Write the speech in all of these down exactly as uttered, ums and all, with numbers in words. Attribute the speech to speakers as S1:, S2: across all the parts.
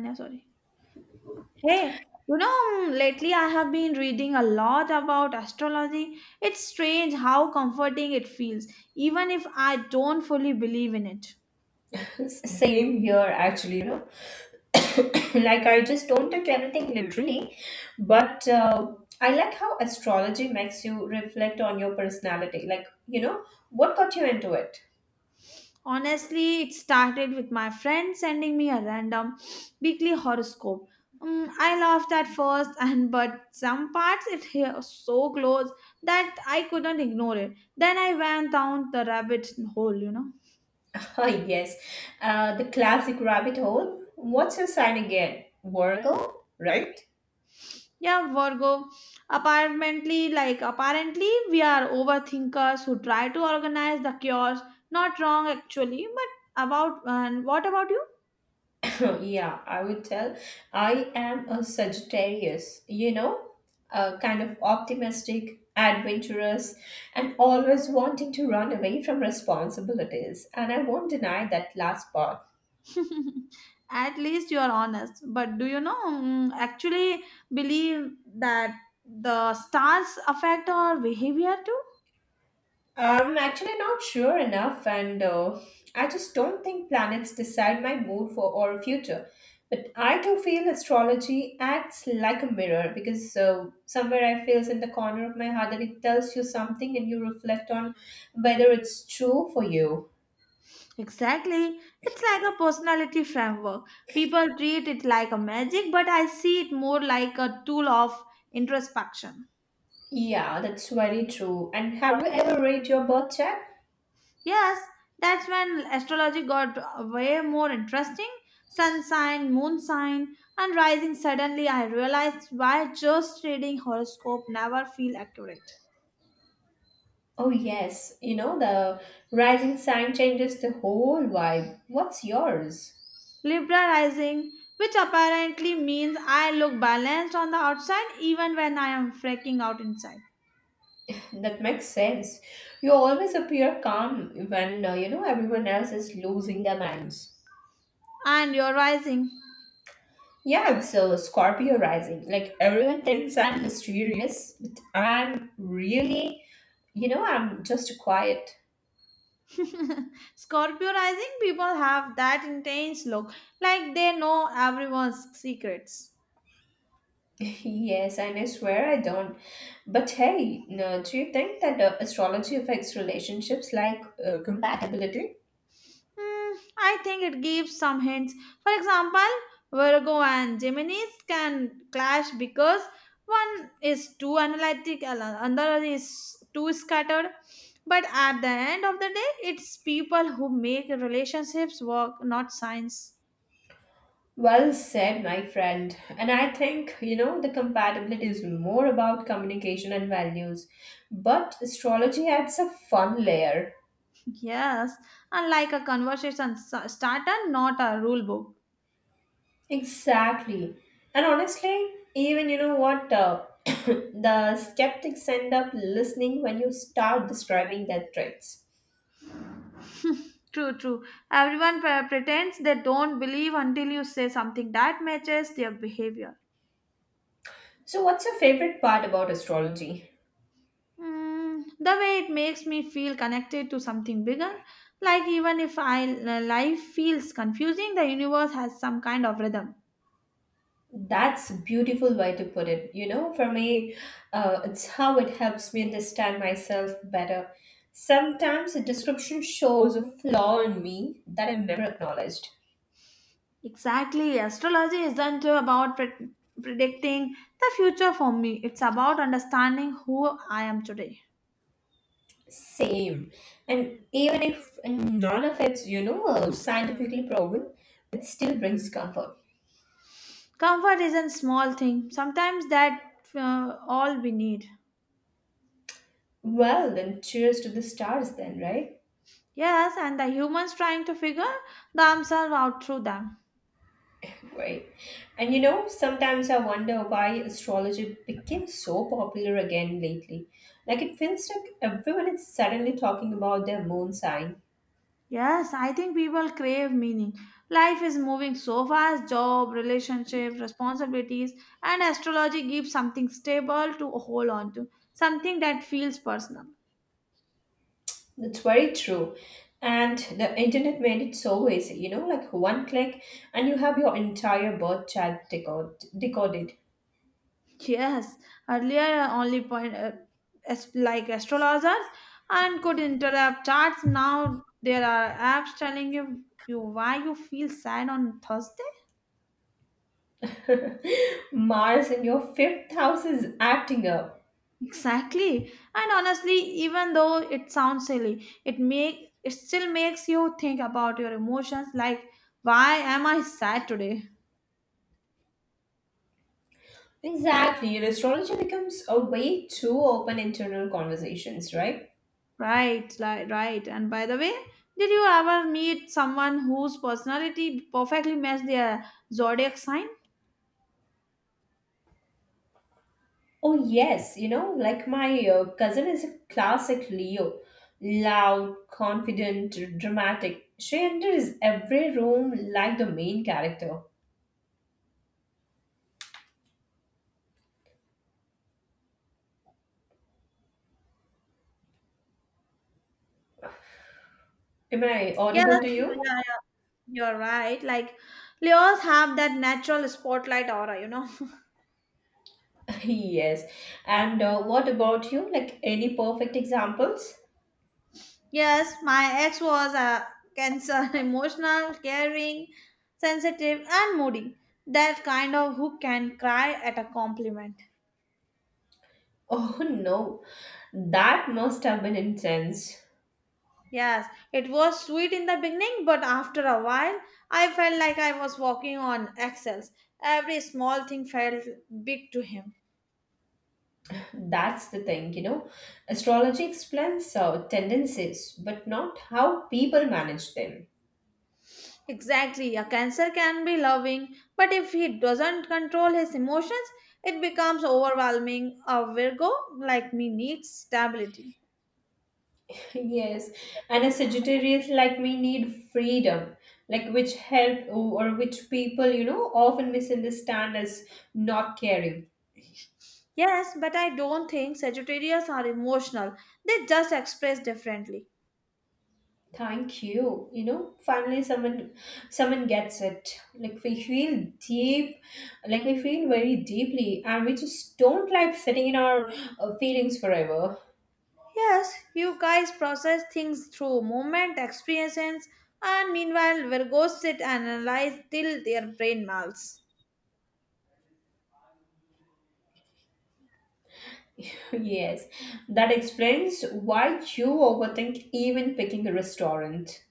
S1: No, sorry. Hey, you know, lately I have been reading a lot about astrology. It's strange how comforting it feels, even if I don't fully believe in it.
S2: Same here, actually, you know. like, I just don't take everything literally, but uh, I like how astrology makes you reflect on your personality. Like, you know, what got you into it?
S1: Honestly, it started with my friend sending me a random weekly horoscope. Mm, I laughed at first, and but some parts it hit so close that I couldn't ignore it. Then I went down the rabbit hole, you know.
S2: Ah, yes, uh, the classic rabbit hole. What's your sign again? Virgo, right?
S1: Yeah, Virgo. Apparently, like apparently, we are overthinkers who try to organize the chaos. Not wrong actually, but about and what about you?
S2: yeah, I would tell. I am a Sagittarius, you know, a kind of optimistic, adventurous, and always wanting to run away from responsibilities. And I won't deny that last part.
S1: At least you are honest. But do you know mm, actually believe that the stars affect our behavior too?
S2: I'm actually not sure enough, and uh, I just don't think planets decide my mood for or future. But I do feel astrology acts like a mirror because uh, somewhere I feels in the corner of my heart that it tells you something, and you reflect on whether it's true for you.
S1: Exactly. It's like a personality framework. People treat it like a magic, but I see it more like a tool of introspection.
S2: Yeah, that's very true. And have you ever read your birth chart?
S1: Yes, that's when astrology got way more interesting. Sun sign, moon sign, and rising. Suddenly, I realized why just reading horoscope never feel accurate.
S2: Oh yes, you know the rising sign changes the whole vibe. What's yours?
S1: Libra rising, which apparently means I look balanced on the outside even when I am freaking out inside.
S2: That makes sense. You always appear calm when uh, you know everyone else is losing their minds.
S1: And you're rising.
S2: Yeah, it's a Scorpio rising. Like everyone thinks I'm mysterious, but I'm really, you know, I'm just quiet.
S1: Scorpio rising people have that intense look, like they know everyone's secrets.
S2: yes, and I swear I don't. But hey, no, do you think that uh, astrology affects relationships like uh, compatibility?
S1: Hmm, I think it gives some hints. For example, Virgo and Geminis can clash because one is too analytic, and another is too scattered. But at the end of the day, it's people who make relationships work, not science.
S2: Well said, my friend. And I think, you know, the compatibility is more about communication and values. But astrology adds a fun layer.
S1: Yes, unlike a conversation s- starter, not a rule book.
S2: Exactly. And honestly, even you know what, uh, the skeptics end up listening when you start describing their traits.
S1: True, true. Everyone pre- pretends they don't believe until you say something that matches their behavior.
S2: So, what's your favorite part about astrology?
S1: Mm, the way it makes me feel connected to something bigger, like even if I uh, life feels confusing, the universe has some kind of rhythm.
S2: That's a beautiful way to put it. You know, for me, uh, it's how it helps me understand myself better. Sometimes a description shows a flaw in me that I never acknowledged.
S1: Exactly, astrology isn't about pre- predicting the future for me. It's about understanding who I am today.
S2: Same. And even if none of it's, you know, uh, scientifically proven, it still brings comfort.
S1: Comfort is a small thing. Sometimes that uh, all we need.
S2: Well, then cheers to the stars, then, right?
S1: Yes, and the humans trying to figure themselves out through them.
S2: Right. And you know, sometimes I wonder why astrology became so popular again lately. Like it feels like everyone is suddenly talking about their moon sign.
S1: Yes, I think people crave meaning. Life is moving so fast job, relationships, responsibilities, and astrology gives something stable to hold on to, something that feels personal.
S2: That's very true. And the internet made it so easy, you know, like one click and you have your entire birth chart decode, decoded.
S1: Yes, earlier only point uh, as, like astrologers and could interrupt charts. Now there are apps telling you, you why you feel sad on Thursday.
S2: Mars in your fifth house is acting up.
S1: Exactly. And honestly, even though it sounds silly, it make it still makes you think about your emotions like why am I sad today?
S2: Exactly. And astrology becomes a way to open internal conversations, right?
S1: Right, like right. And by the way, did you ever meet someone whose personality perfectly matched their zodiac sign?
S2: Oh, yes, you know, like my uh, cousin is a classic Leo. Loud, confident, dramatic. She enters every room like the main character. Am I
S1: Yes,
S2: audible to you?
S1: yeah, yeah, you're right. Like Leos have that natural spotlight aura, you know.
S2: Yes. And uh, what about you? Like any perfect examples?
S1: Yes, my ex was a Cancer, emotional, caring, sensitive, and moody. That kind of who can cry at a compliment.
S2: Oh no, that must have been intense.
S1: Yes, it was sweet in the beginning, but after a while, I felt like I was walking on eggshells. Every small thing felt big to him.
S2: That's the thing, you know. Astrology explains uh, tendencies, but not how people manage them.
S1: Exactly, a Cancer can be loving, but if he doesn't control his emotions, it becomes overwhelming. A Virgo like me needs stability.
S2: Yes, and a Sagittarius like me need freedom, like which help or which people, you know, often misunderstand as not caring.
S1: Yes, but I don't think Sagittarius are emotional. They just express differently.
S2: Thank you. You know, finally someone someone gets it. Like we feel deep, like we feel very deeply, and we just don't like sitting in our uh, feelings forever.
S1: Yes, you guys process things through movement, experiences, and meanwhile, Virgos sit and analyze till their brain melts.
S2: Yes, that explains why you overthink even picking a restaurant.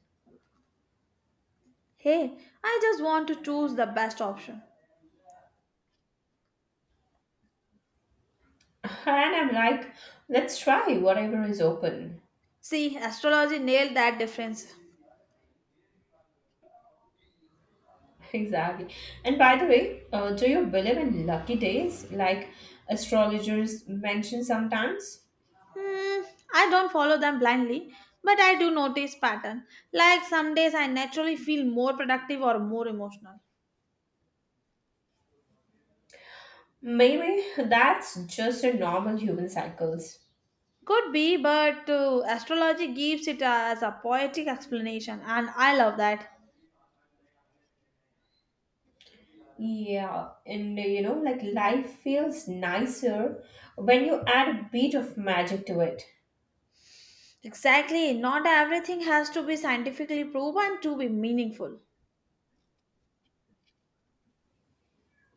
S1: Hey, I just want to choose the best option.
S2: And I'm like, let's try whatever is open.
S1: See, astrology nailed that difference.
S2: Exactly. And by the way, uh, do you believe in lucky days like astrologers mention sometimes?
S1: Hmm, I don't follow them blindly, but I do notice pattern. Like some days I naturally feel more productive or more emotional.
S2: Maybe that's just a normal human cycles.
S1: Could be, but uh, astrology gives it as a poetic explanation, and I love that.
S2: Yeah, and uh, you know, like life feels nicer when you add a bit of magic to it.
S1: Exactly, not everything has to be scientifically proven to be meaningful.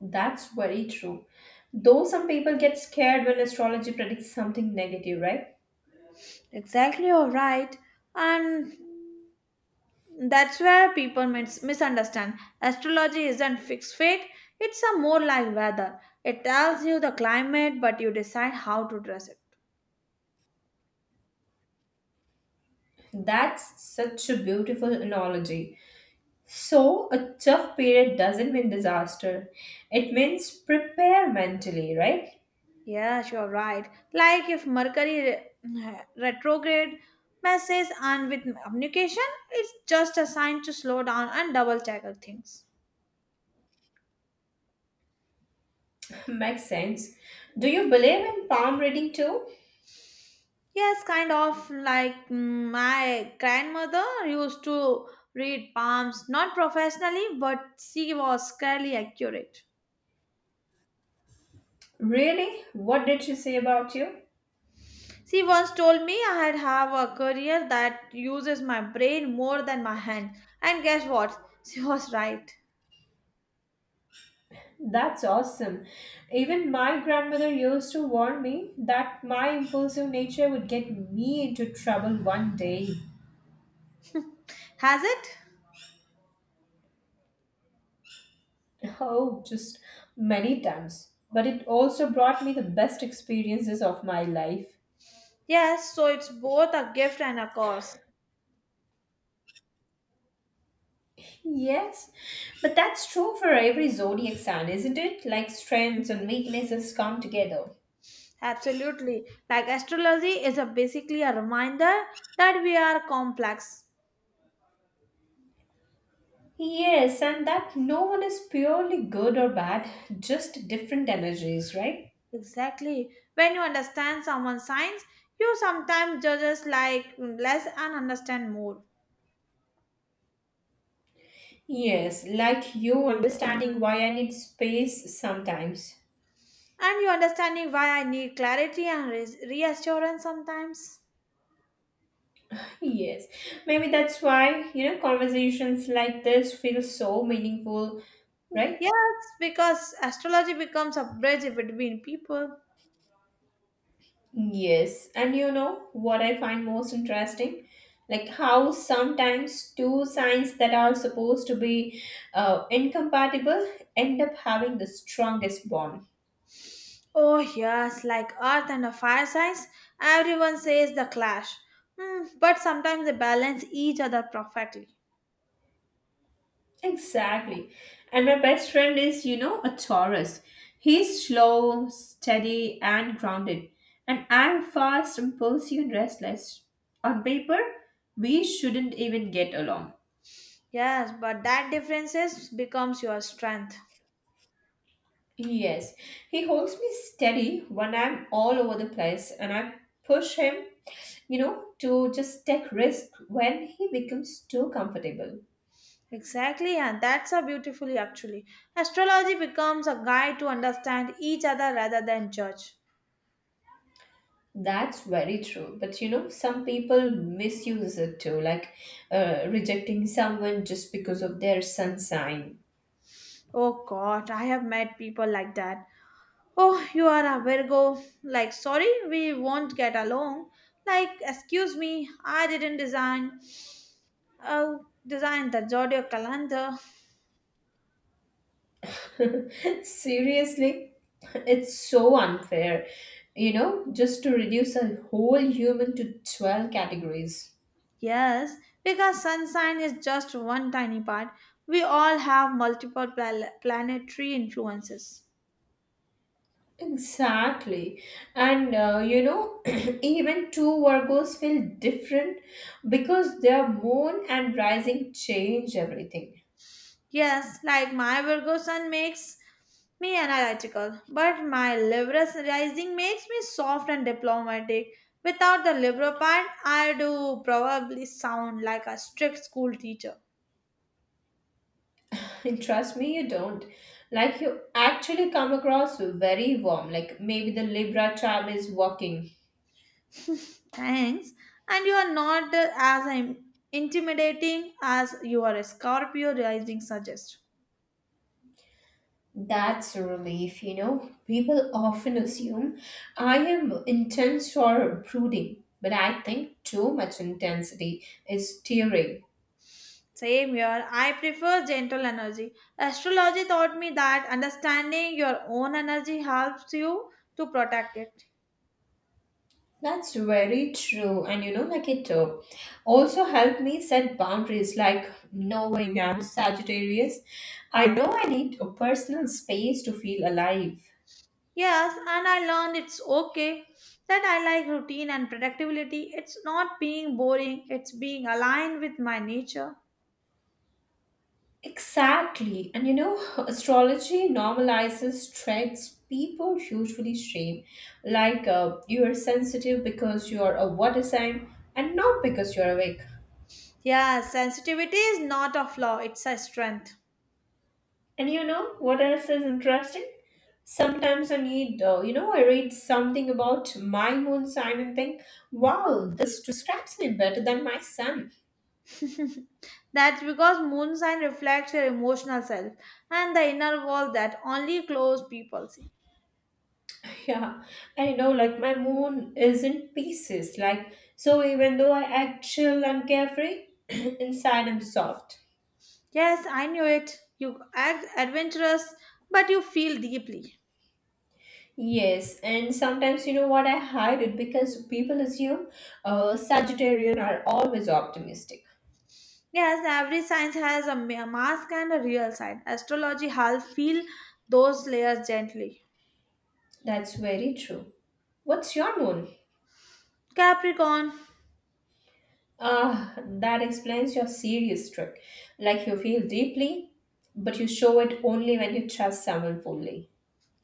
S2: That's very true. Though some people get scared when astrology predicts something negative, right?
S1: Exactly, you're right. And that's where people mis- misunderstand. Astrology isn't fixed fate, it's a more like weather. It tells you the climate, but you decide how to dress it.
S2: That's such a beautiful analogy. So, a tough period doesn't mean disaster. It means prepare mentally, right?
S1: Yes, you're right. Like if Mercury re- retrograde messes and with communication, it's just a sign to slow down and double check our things.
S2: Makes sense. Do you believe in palm reading too?
S1: Yes, kind of like mm, my grandmother used to read palms, not professionally, but she was fairly accurate.
S2: Really? What did she say about you?
S1: She once told me I had have a career that uses my brain more than my hand. And guess what? She was right.
S2: That's awesome. Even my grandmother used to warn me that my impulsive nature would get me into trouble one day.
S1: Has it?
S2: Oh, just many times. But it also brought me the best experiences of my life.
S1: Yes, so it's both a gift and a curse.
S2: Yes, but that's true for every zodiac sign, isn't it? Like strengths and weaknesses come together.
S1: Absolutely. Like astrology is a basically a reminder that we are complex.
S2: Yes, and that no one is purely good or bad, just different energies, right?
S1: Exactly. When you understand someone's signs, you sometimes judges like less and understand more.
S2: Yes, like you understanding why I need space sometimes.
S1: And you understanding why I need clarity and res- reassurance sometimes.
S2: Yes, maybe that's why, you know, conversations like this feel so meaningful, right?
S1: Yes, because astrology becomes a bridge between people.
S2: Yes, and you know what I find most interesting? Like how sometimes two signs that are supposed to be uh, incompatible end up having the strongest bond.
S1: Oh, yes, like Earth and a fire signs, everyone says the clash. Hmm, but sometimes they balance each other perfectly.
S2: Exactly. And my best friend is, you know, a Taurus. He's slow, steady, and grounded. And I'm fast, impulsive, and restless. On paper, we shouldn't even get along.
S1: Yes, but that differences becomes your strength.
S2: Yes, he holds me steady when I'm all over the place, and I push him, you know, to just take risk when he becomes too comfortable.
S1: Exactly, and that's a beautifully actually. Astrology becomes a guide to understand each other rather than judge.
S2: That's very true. But you know, some people misuse it too, like uh, rejecting someone just because of their sun sign.
S1: Oh God, I have met people like that. Oh, you are a Virgo. Like, sorry, we won't get along. Like, excuse me, I didn't design. Oh, design the zodiac calendar.
S2: Seriously, it's so unfair, you know, just to reduce a whole human to twelve categories.
S1: Yes, because sun sign is just one tiny part. We all have multiple pla- planetary influences.
S2: Exactly. And uh, you know, even two Virgos feel different because their moon and rising change everything.
S1: Yes, like my Virgo sun makes me analytical, but my Libra rising makes me soft and diplomatic. Without the Libra part, I do probably sound like a strict school teacher.
S2: And trust me, you don't. Like, you actually come across very warm. Like, maybe the Libra charm is working.
S1: Thanks. And you are not uh, as I'm intimidating as you are a Scorpio rising suggests.
S2: That's a relief, you know. People often assume I am intense or brooding, but I think too much intensity is tearing.
S1: Same here. I prefer gentle energy. Astrology taught me that understanding your own energy helps you to protect it.
S2: That's very true. And you know, like it uh, also helped me set boundaries, like knowing I'm Sagittarius. I know I need a personal space to feel alive.
S1: Yes, and I learned it's okay that I like routine and predictability. It's not being boring, it's being aligned with my nature.
S2: Exactly. And you know, astrology normalizes traits people usually shame. Like uh, you are sensitive because you are a water sign and not because you are awake.
S1: Yes, sensitivity is not a flaw, it's a strength.
S2: And you know what else is interesting? Sometimes I need, uh, you know, I read something about my moon sign and think, wow, this describes me better than my sun.
S1: That's because moon sign reflects your emotional self and the inner world that only close people see.
S2: Yeah, I know, like my moon is in pieces. Like, so even though I act chill and carefree, inside I'm soft.
S1: Yes, I knew it. You act adventurous, but you feel deeply.
S2: Yes, and sometimes you know what? I hide it because people assume uh, Sagittarian are always optimistic.
S1: Yes, every sign has a ma- mask and a real sign. Astrology helps feel those layers gently.
S2: That's very true. What's your moon?
S1: Capricorn.
S2: Ah, that explains your serious trick. Like you feel deeply, but you show it only when you trust someone fully.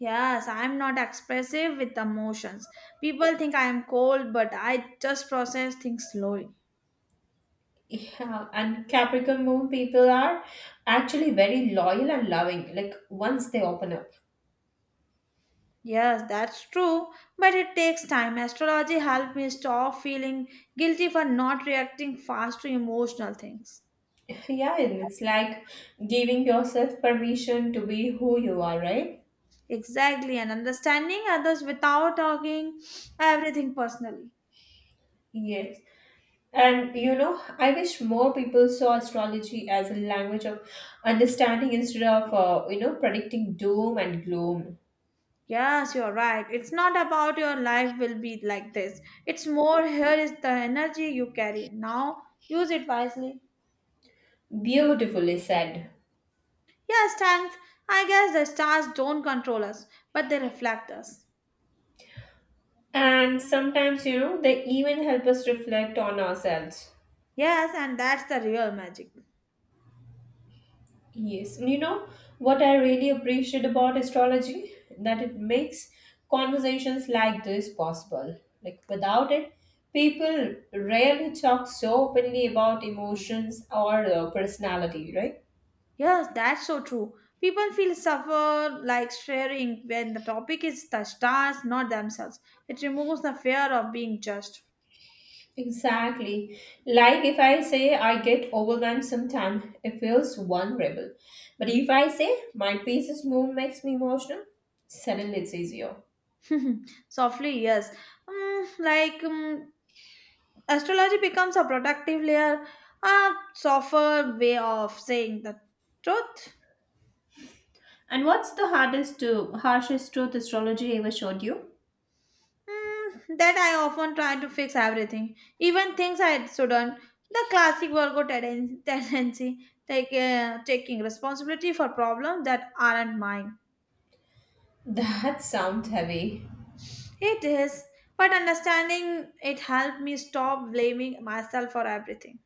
S1: Yes, I am not expressive with emotions. People think I am cold, but I just process things slowly.
S2: Yeah, and Capricorn moon people are actually very loyal and loving, like once they open up.
S1: Yes, that's true, but it takes time. Astrology helped me stop feeling guilty for not reacting fast to emotional things.
S2: Yeah, and it's like giving yourself permission to be who you are, right?
S1: Exactly, and understanding others without talking everything personally.
S2: Yes. And you know, I wish more people saw astrology as a language of understanding instead of, uh, you know, predicting doom and gloom.
S1: Yes, you're right. It's not about your life will be like this. It's more here is the energy you carry. Now use it wisely.
S2: Beautifully said.
S1: Yes, thanks. I guess the stars don't control us, but they reflect us.
S2: And sometimes, you know, they even help us reflect on ourselves.
S1: Yes, and that's the real magic.
S2: Yes. You know, what I really appreciate about astrology? That it makes conversations like this possible. Like, without it, people rarely talk so openly about emotions or uh, personality, right?
S1: Yes, that's so true. People feel suffer like sharing when the topic is the stars, not themselves. It removes the fear of being judged.
S2: Exactly. Like if I say I get overwhelmed sometime, it feels vulnerable. But if I say my pieces move makes me emotional, suddenly it's easier.
S1: Softly, yes. Mm, like um, astrology becomes a protective layer, a softer way of saying the truth.
S2: And what's the hardest to harshest truth astrology ever showed you?
S1: Mm, that I often try to fix everything, even things I shouldn't. The classic Virgo tenden- tendency, take, uh, taking responsibility for problems that aren't mine.
S2: That sounds heavy.
S1: It is, but understanding it helped me stop blaming myself for everything.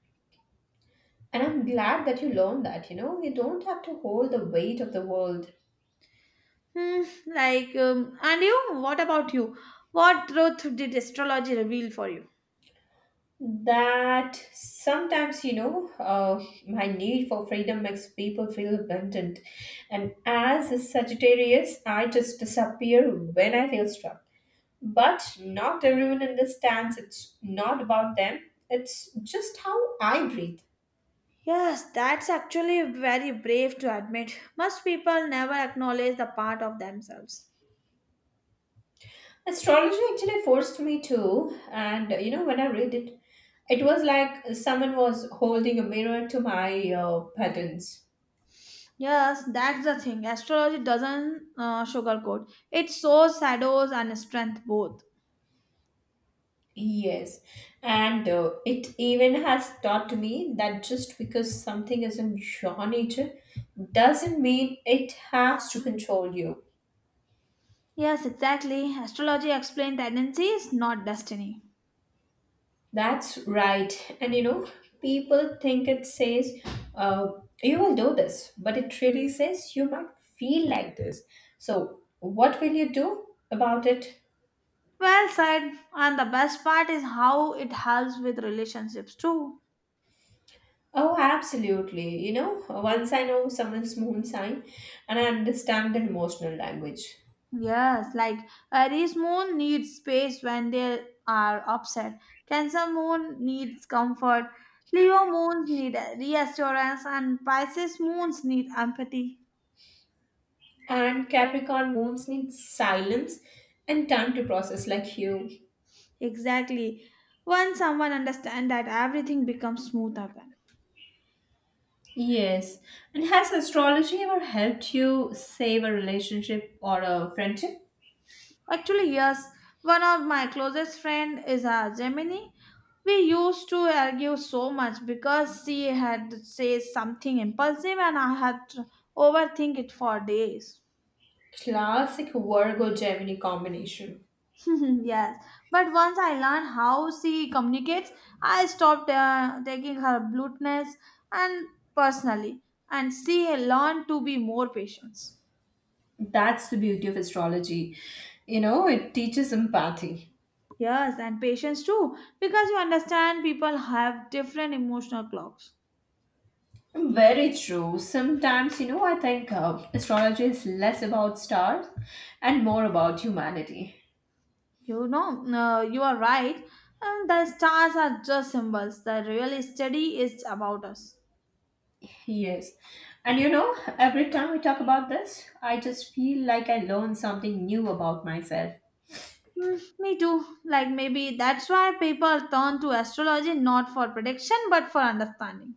S2: And I'm glad that you learned that, you know, you don't have to hold the weight of the world.
S1: Hmm, like, um, and you, what about you? What truth did astrology reveal for you?
S2: That sometimes you know uh, my need for freedom makes people feel abandoned, and as a Sagittarius I just disappear when I feel struck. But not everyone understands it's not about them, it's just how I breathe.
S1: Yes, that's actually very brave to admit. Most people never acknowledge the part of themselves.
S2: Astrology actually forced me to, and you know, when I read it, it was like someone was holding a mirror to my uh, patterns.
S1: Yes, that's the thing. Astrology doesn't uh, sugarcoat. It shows shadows and strength both.
S2: Yes, and uh, it even has taught me that just because something is in your nature doesn't mean it has to control you.
S1: Yes, exactly. Astrology explains tendencies, not destiny.
S2: That's right. And you know, people think it says, uh, you will do this, but it really says you might feel like this. So, what will you do about it?
S1: Well said. And the best part is how it helps with relationships too.
S2: Oh, absolutely. You know, once I know someone's moon sign and I understand the emotional language,
S1: Yes, like Aries moon needs space when they are upset. Cancer moon needs comfort. Leo moons need reassurance, and Pisces moons need empathy.
S2: and Capricorn moons need silence and time to process like you.
S1: Exactly. Once someone understands that, everything becomes smoother. Then.
S2: Yes. And has astrology ever helped you save a relationship or a friendship?
S1: Actually, yes. One of my closest friend is a Gemini. We used to argue so much because she had said something impulsive and I had to overthink it for days.
S2: Classic Virgo Gemini combination.
S1: Yes, but once I learned how she communicates, I stopped uh, taking her bluntness and personally, and she learned to be more patient.
S2: That's the beauty of astrology. You know, it teaches empathy.
S1: Yes, and patience too, because you understand people have different emotional clocks.
S2: Very true. Sometimes, you know, I think uh, astrology is less about stars and more about humanity.
S1: You know, uh, you are right, and the stars are just symbols. The real study is about us.
S2: Yes. And you know, every time we talk about this, I just feel like I learn something new about myself.
S1: Hmm, me too. Like maybe that's why people turn to astrology not for prediction but for understanding.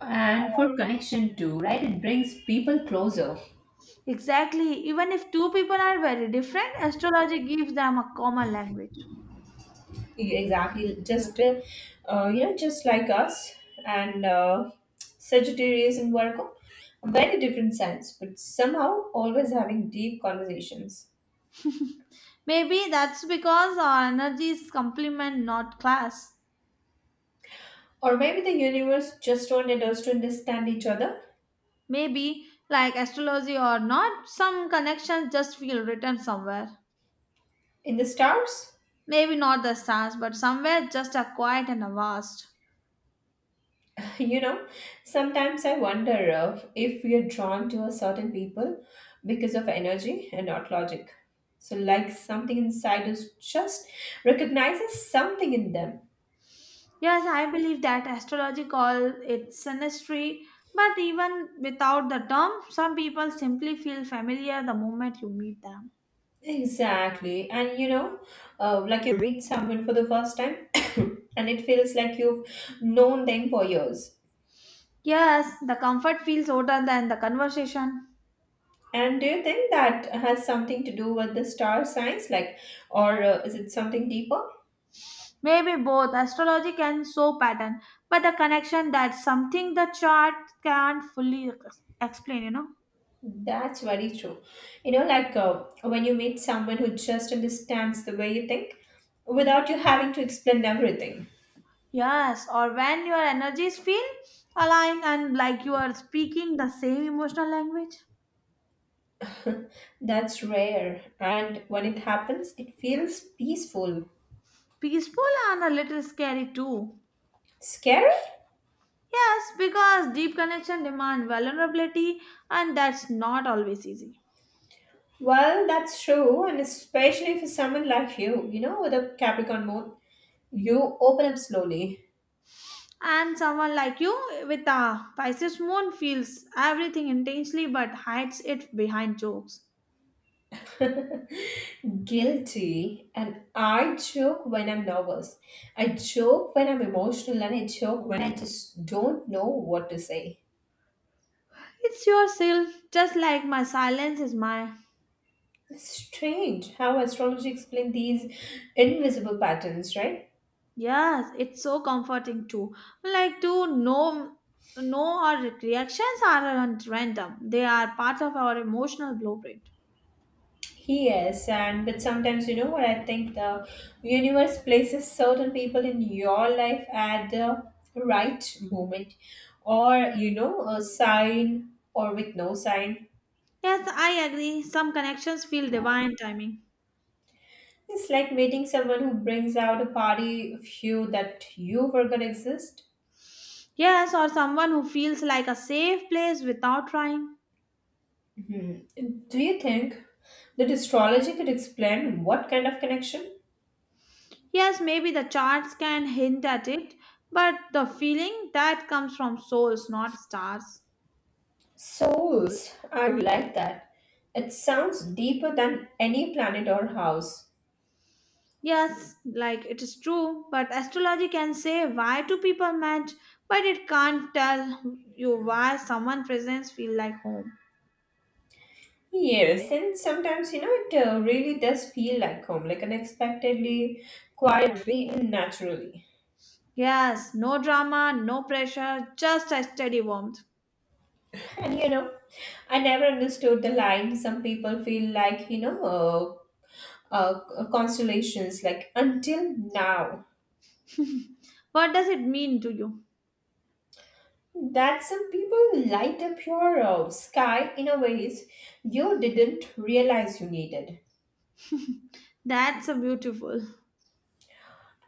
S2: And for connection too, right? It brings people closer.
S1: Exactly. Even if two people are very different, astrology gives them a common language.
S2: Exactly. Just, uh, uh, you know, just like us and uh, Sagittarius and Virgo, very different sense, but somehow always having deep conversations.
S1: Maybe that's because our energies complement, not clash.
S2: Or maybe the universe just wanted us to understand each other
S1: Maybe, like astrology or not, some connections just feel written somewhere.
S2: in the stars.
S1: Maybe not the stars, but somewhere just are quiet and vast.
S2: You know, sometimes I wonder uh, if we are drawn to a certain people because of energy and not logic. So, like something inside us just recognizes something in them.
S1: Yes, I believe that astrology call it synastry, but even without the term, some people simply feel familiar the moment you meet them.
S2: Exactly. And you know, uh, like you read someone for the first time and it feels like you've known them for years.
S1: Yes, the comfort feels older than the conversation.
S2: And do you think that has something to do with the star signs, like, or uh, is it something deeper?
S1: Maybe both astrology can show pattern, but the connection that's something the chart can't fully ex- explain, you know.
S2: That's very true. You know, like uh, when you meet someone who just understands the way you think without you having to explain everything,
S1: Yes, or when your energies feel aligned and like you are speaking the same emotional language.
S2: that's rare. And when it happens, it feels peaceful.
S1: Peaceful and a little scary too.
S2: Scary?
S1: Yes, because deep connection demand vulnerability and that's not always easy.
S2: Well, that's true. And especially for someone like you, you know, with a Capricorn moon, you open up slowly.
S1: And someone like you with a Pisces moon feels everything intensely but hides it behind jokes.
S2: Guilty. And I joke when I'm nervous. I joke when I'm emotional, and I joke when I just don't know what to say.
S1: It's yourself, just like my silence is my.
S2: It's strange how astrology explains these invisible patterns, right?
S1: Yes, it's so comforting too. Like to know know our reactions aren't random. They are part of our emotional blueprint.
S2: Yes, and but sometimes you know what I think the universe places certain people in your life at the right moment, or you know, a sign or with no sign.
S1: Yes, I agree. Some connections feel divine timing.
S2: It's like meeting someone who brings out a party of you that you forgot exist.
S1: Yes, or someone who feels like a safe place without trying.
S2: Do you think that astrology could explain what kind of connection?
S1: Yes, maybe the charts can hint at it, but the feeling that comes from souls, not stars.
S2: Souls, I like that. It sounds deeper than any planet or house.
S1: Yes, like it is true, but astrology can say why two people match, but it can't tell you why someone presence feel like home.
S2: Yes, and sometimes you know it uh, really does feel like home, like unexpectedly, quietly, and naturally.
S1: Yes, no drama, no pressure, just a steady warmth.
S2: And you know, I never understood the line. Some people feel like you know, uh, uh, constellations like until now,
S1: What does it mean to you?
S2: that some people light up your uh, sky in a ways you didn't realize you needed.
S1: That's a beautiful.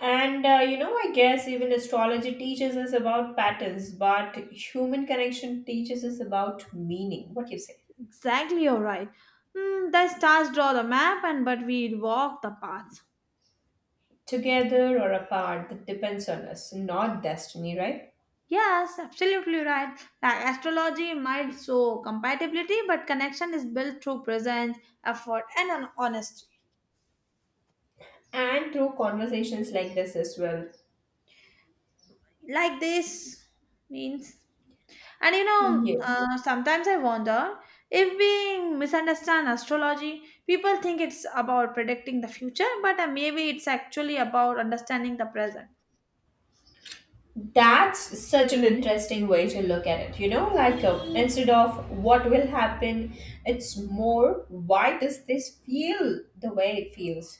S2: And uh, you know, I guess even astrology teaches us about patterns, but human connection teaches us about meaning, what you say.
S1: Exactly, you're right. Hmm, the stars draw the map, and but we walk the path.
S2: Together or apart, that depends on us, not destiny, right?
S1: Yes, absolutely right. Like astrology might show compatibility, but connection is built through presence, effort, and an honesty.
S2: And through conversations like this as well.
S1: Like this means. And you know
S2: Yes,
S1: uh, sometimes I wonder if we misunderstand astrology. People think it's about predicting the future, but uh, maybe it's actually about understanding the present.
S2: that's such an interesting way to look at it, you know, like uh, instead of what will happen, it's more why does this feel the way it feels.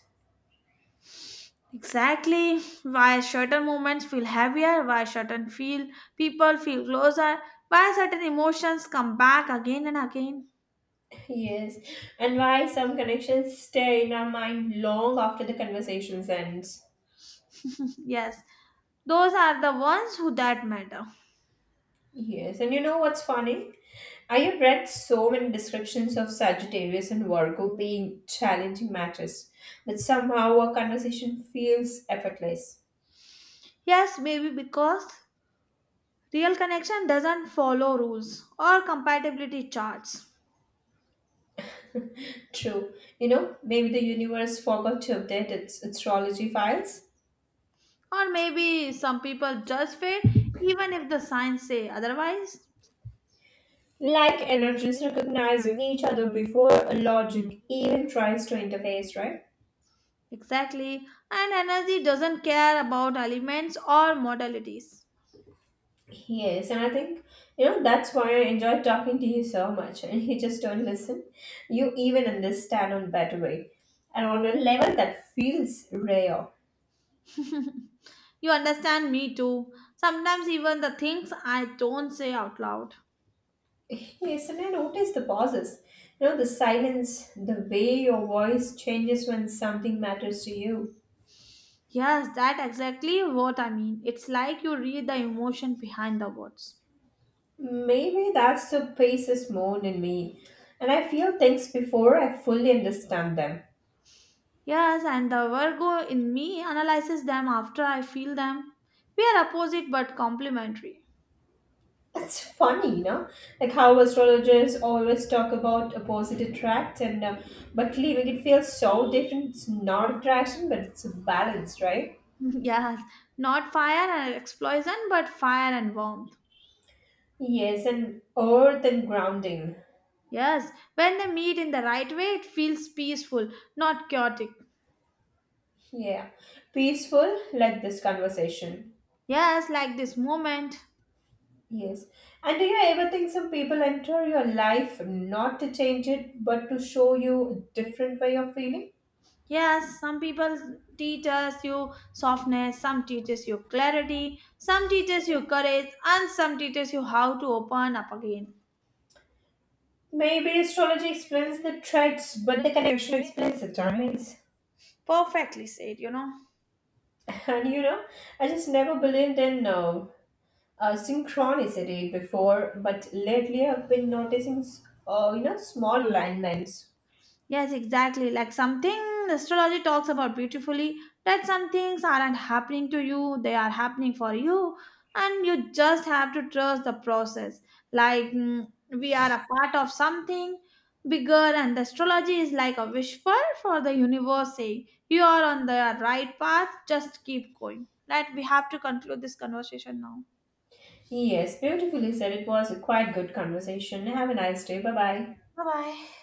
S1: Exactly why certain moments feel heavier, why certain feel people feel closer, why certain emotions come back again and again.
S2: Yes, and why some connections stay in our mind long after the conversations ends.
S1: Yes, those are the ones who that matter.
S2: Yes, and you know what's funny, I have read so many descriptions of Sagittarius and Virgo being challenging matches, but somehow our conversation feels effortless.
S1: Yes, maybe because real connection doesn't follow rules or compatibility charts.
S2: True. You know, maybe the universe forgot to update its astrology files.
S1: Or maybe some people just fade even if the signs say otherwise.
S2: Like energies recognizing each other before logic even tries to interface, right?
S1: Exactly. And energy doesn't care about elements or modalities.
S2: Yes, and I think, you know, that's why I enjoyed talking to you so much. And you just don't listen. You even understand on better way. And on a level that feels rare.
S1: You understand me too. Sometimes even the things I don't say out loud.
S2: Yes, and I notice the pauses. You know, the silence, the way your voice changes when something matters to you.
S1: Yes, that exactly what I mean. It's like you read the emotion behind the words.
S2: Maybe that's the Pisces moon in me, and I feel things before I fully understand them.
S1: Yes, and the Virgo in me analyzes them after I feel them. We are opposite but complementary.
S2: It's funny, you know, like how astrologers always talk about opposite attract, and uh, but leaving it feels so different. It's not attraction, but it's a balance, right?
S1: Yes, not fire and explosion, but fire and warmth.
S2: Yes, and earth and grounding.
S1: Yes, when they meet in the right way, it feels peaceful, not chaotic.
S2: Yeah, peaceful like this conversation.
S1: Yes, like this moment.
S2: Yes. And do you ever think some people enter your life not to change it, but to show you a different way of feeling?
S1: Yes, some people teaches you softness, some teaches you clarity, some teaches you courage, and some teaches you how to open up again.
S2: Maybe astrology explains the threads, but the connection explains the timings.
S1: Perfectly said, you know.
S2: And you know, I just never believed in uh, uh, synchronicity before, but lately I've been noticing, s- uh, you know, small alignments.
S1: Yes, exactly. Like something astrology talks about beautifully that some things aren't happening to you, they are happening for you, and you just have to trust the process. Like mm, we are a part of something bigger, and the astrology is like a whisper for the universe saying, You are on the right path, just keep going. Right, we have to conclude this conversation now.
S2: Yes, beautifully said. It was a quite good conversation. Have a nice day. Bye bye.
S1: Bye bye.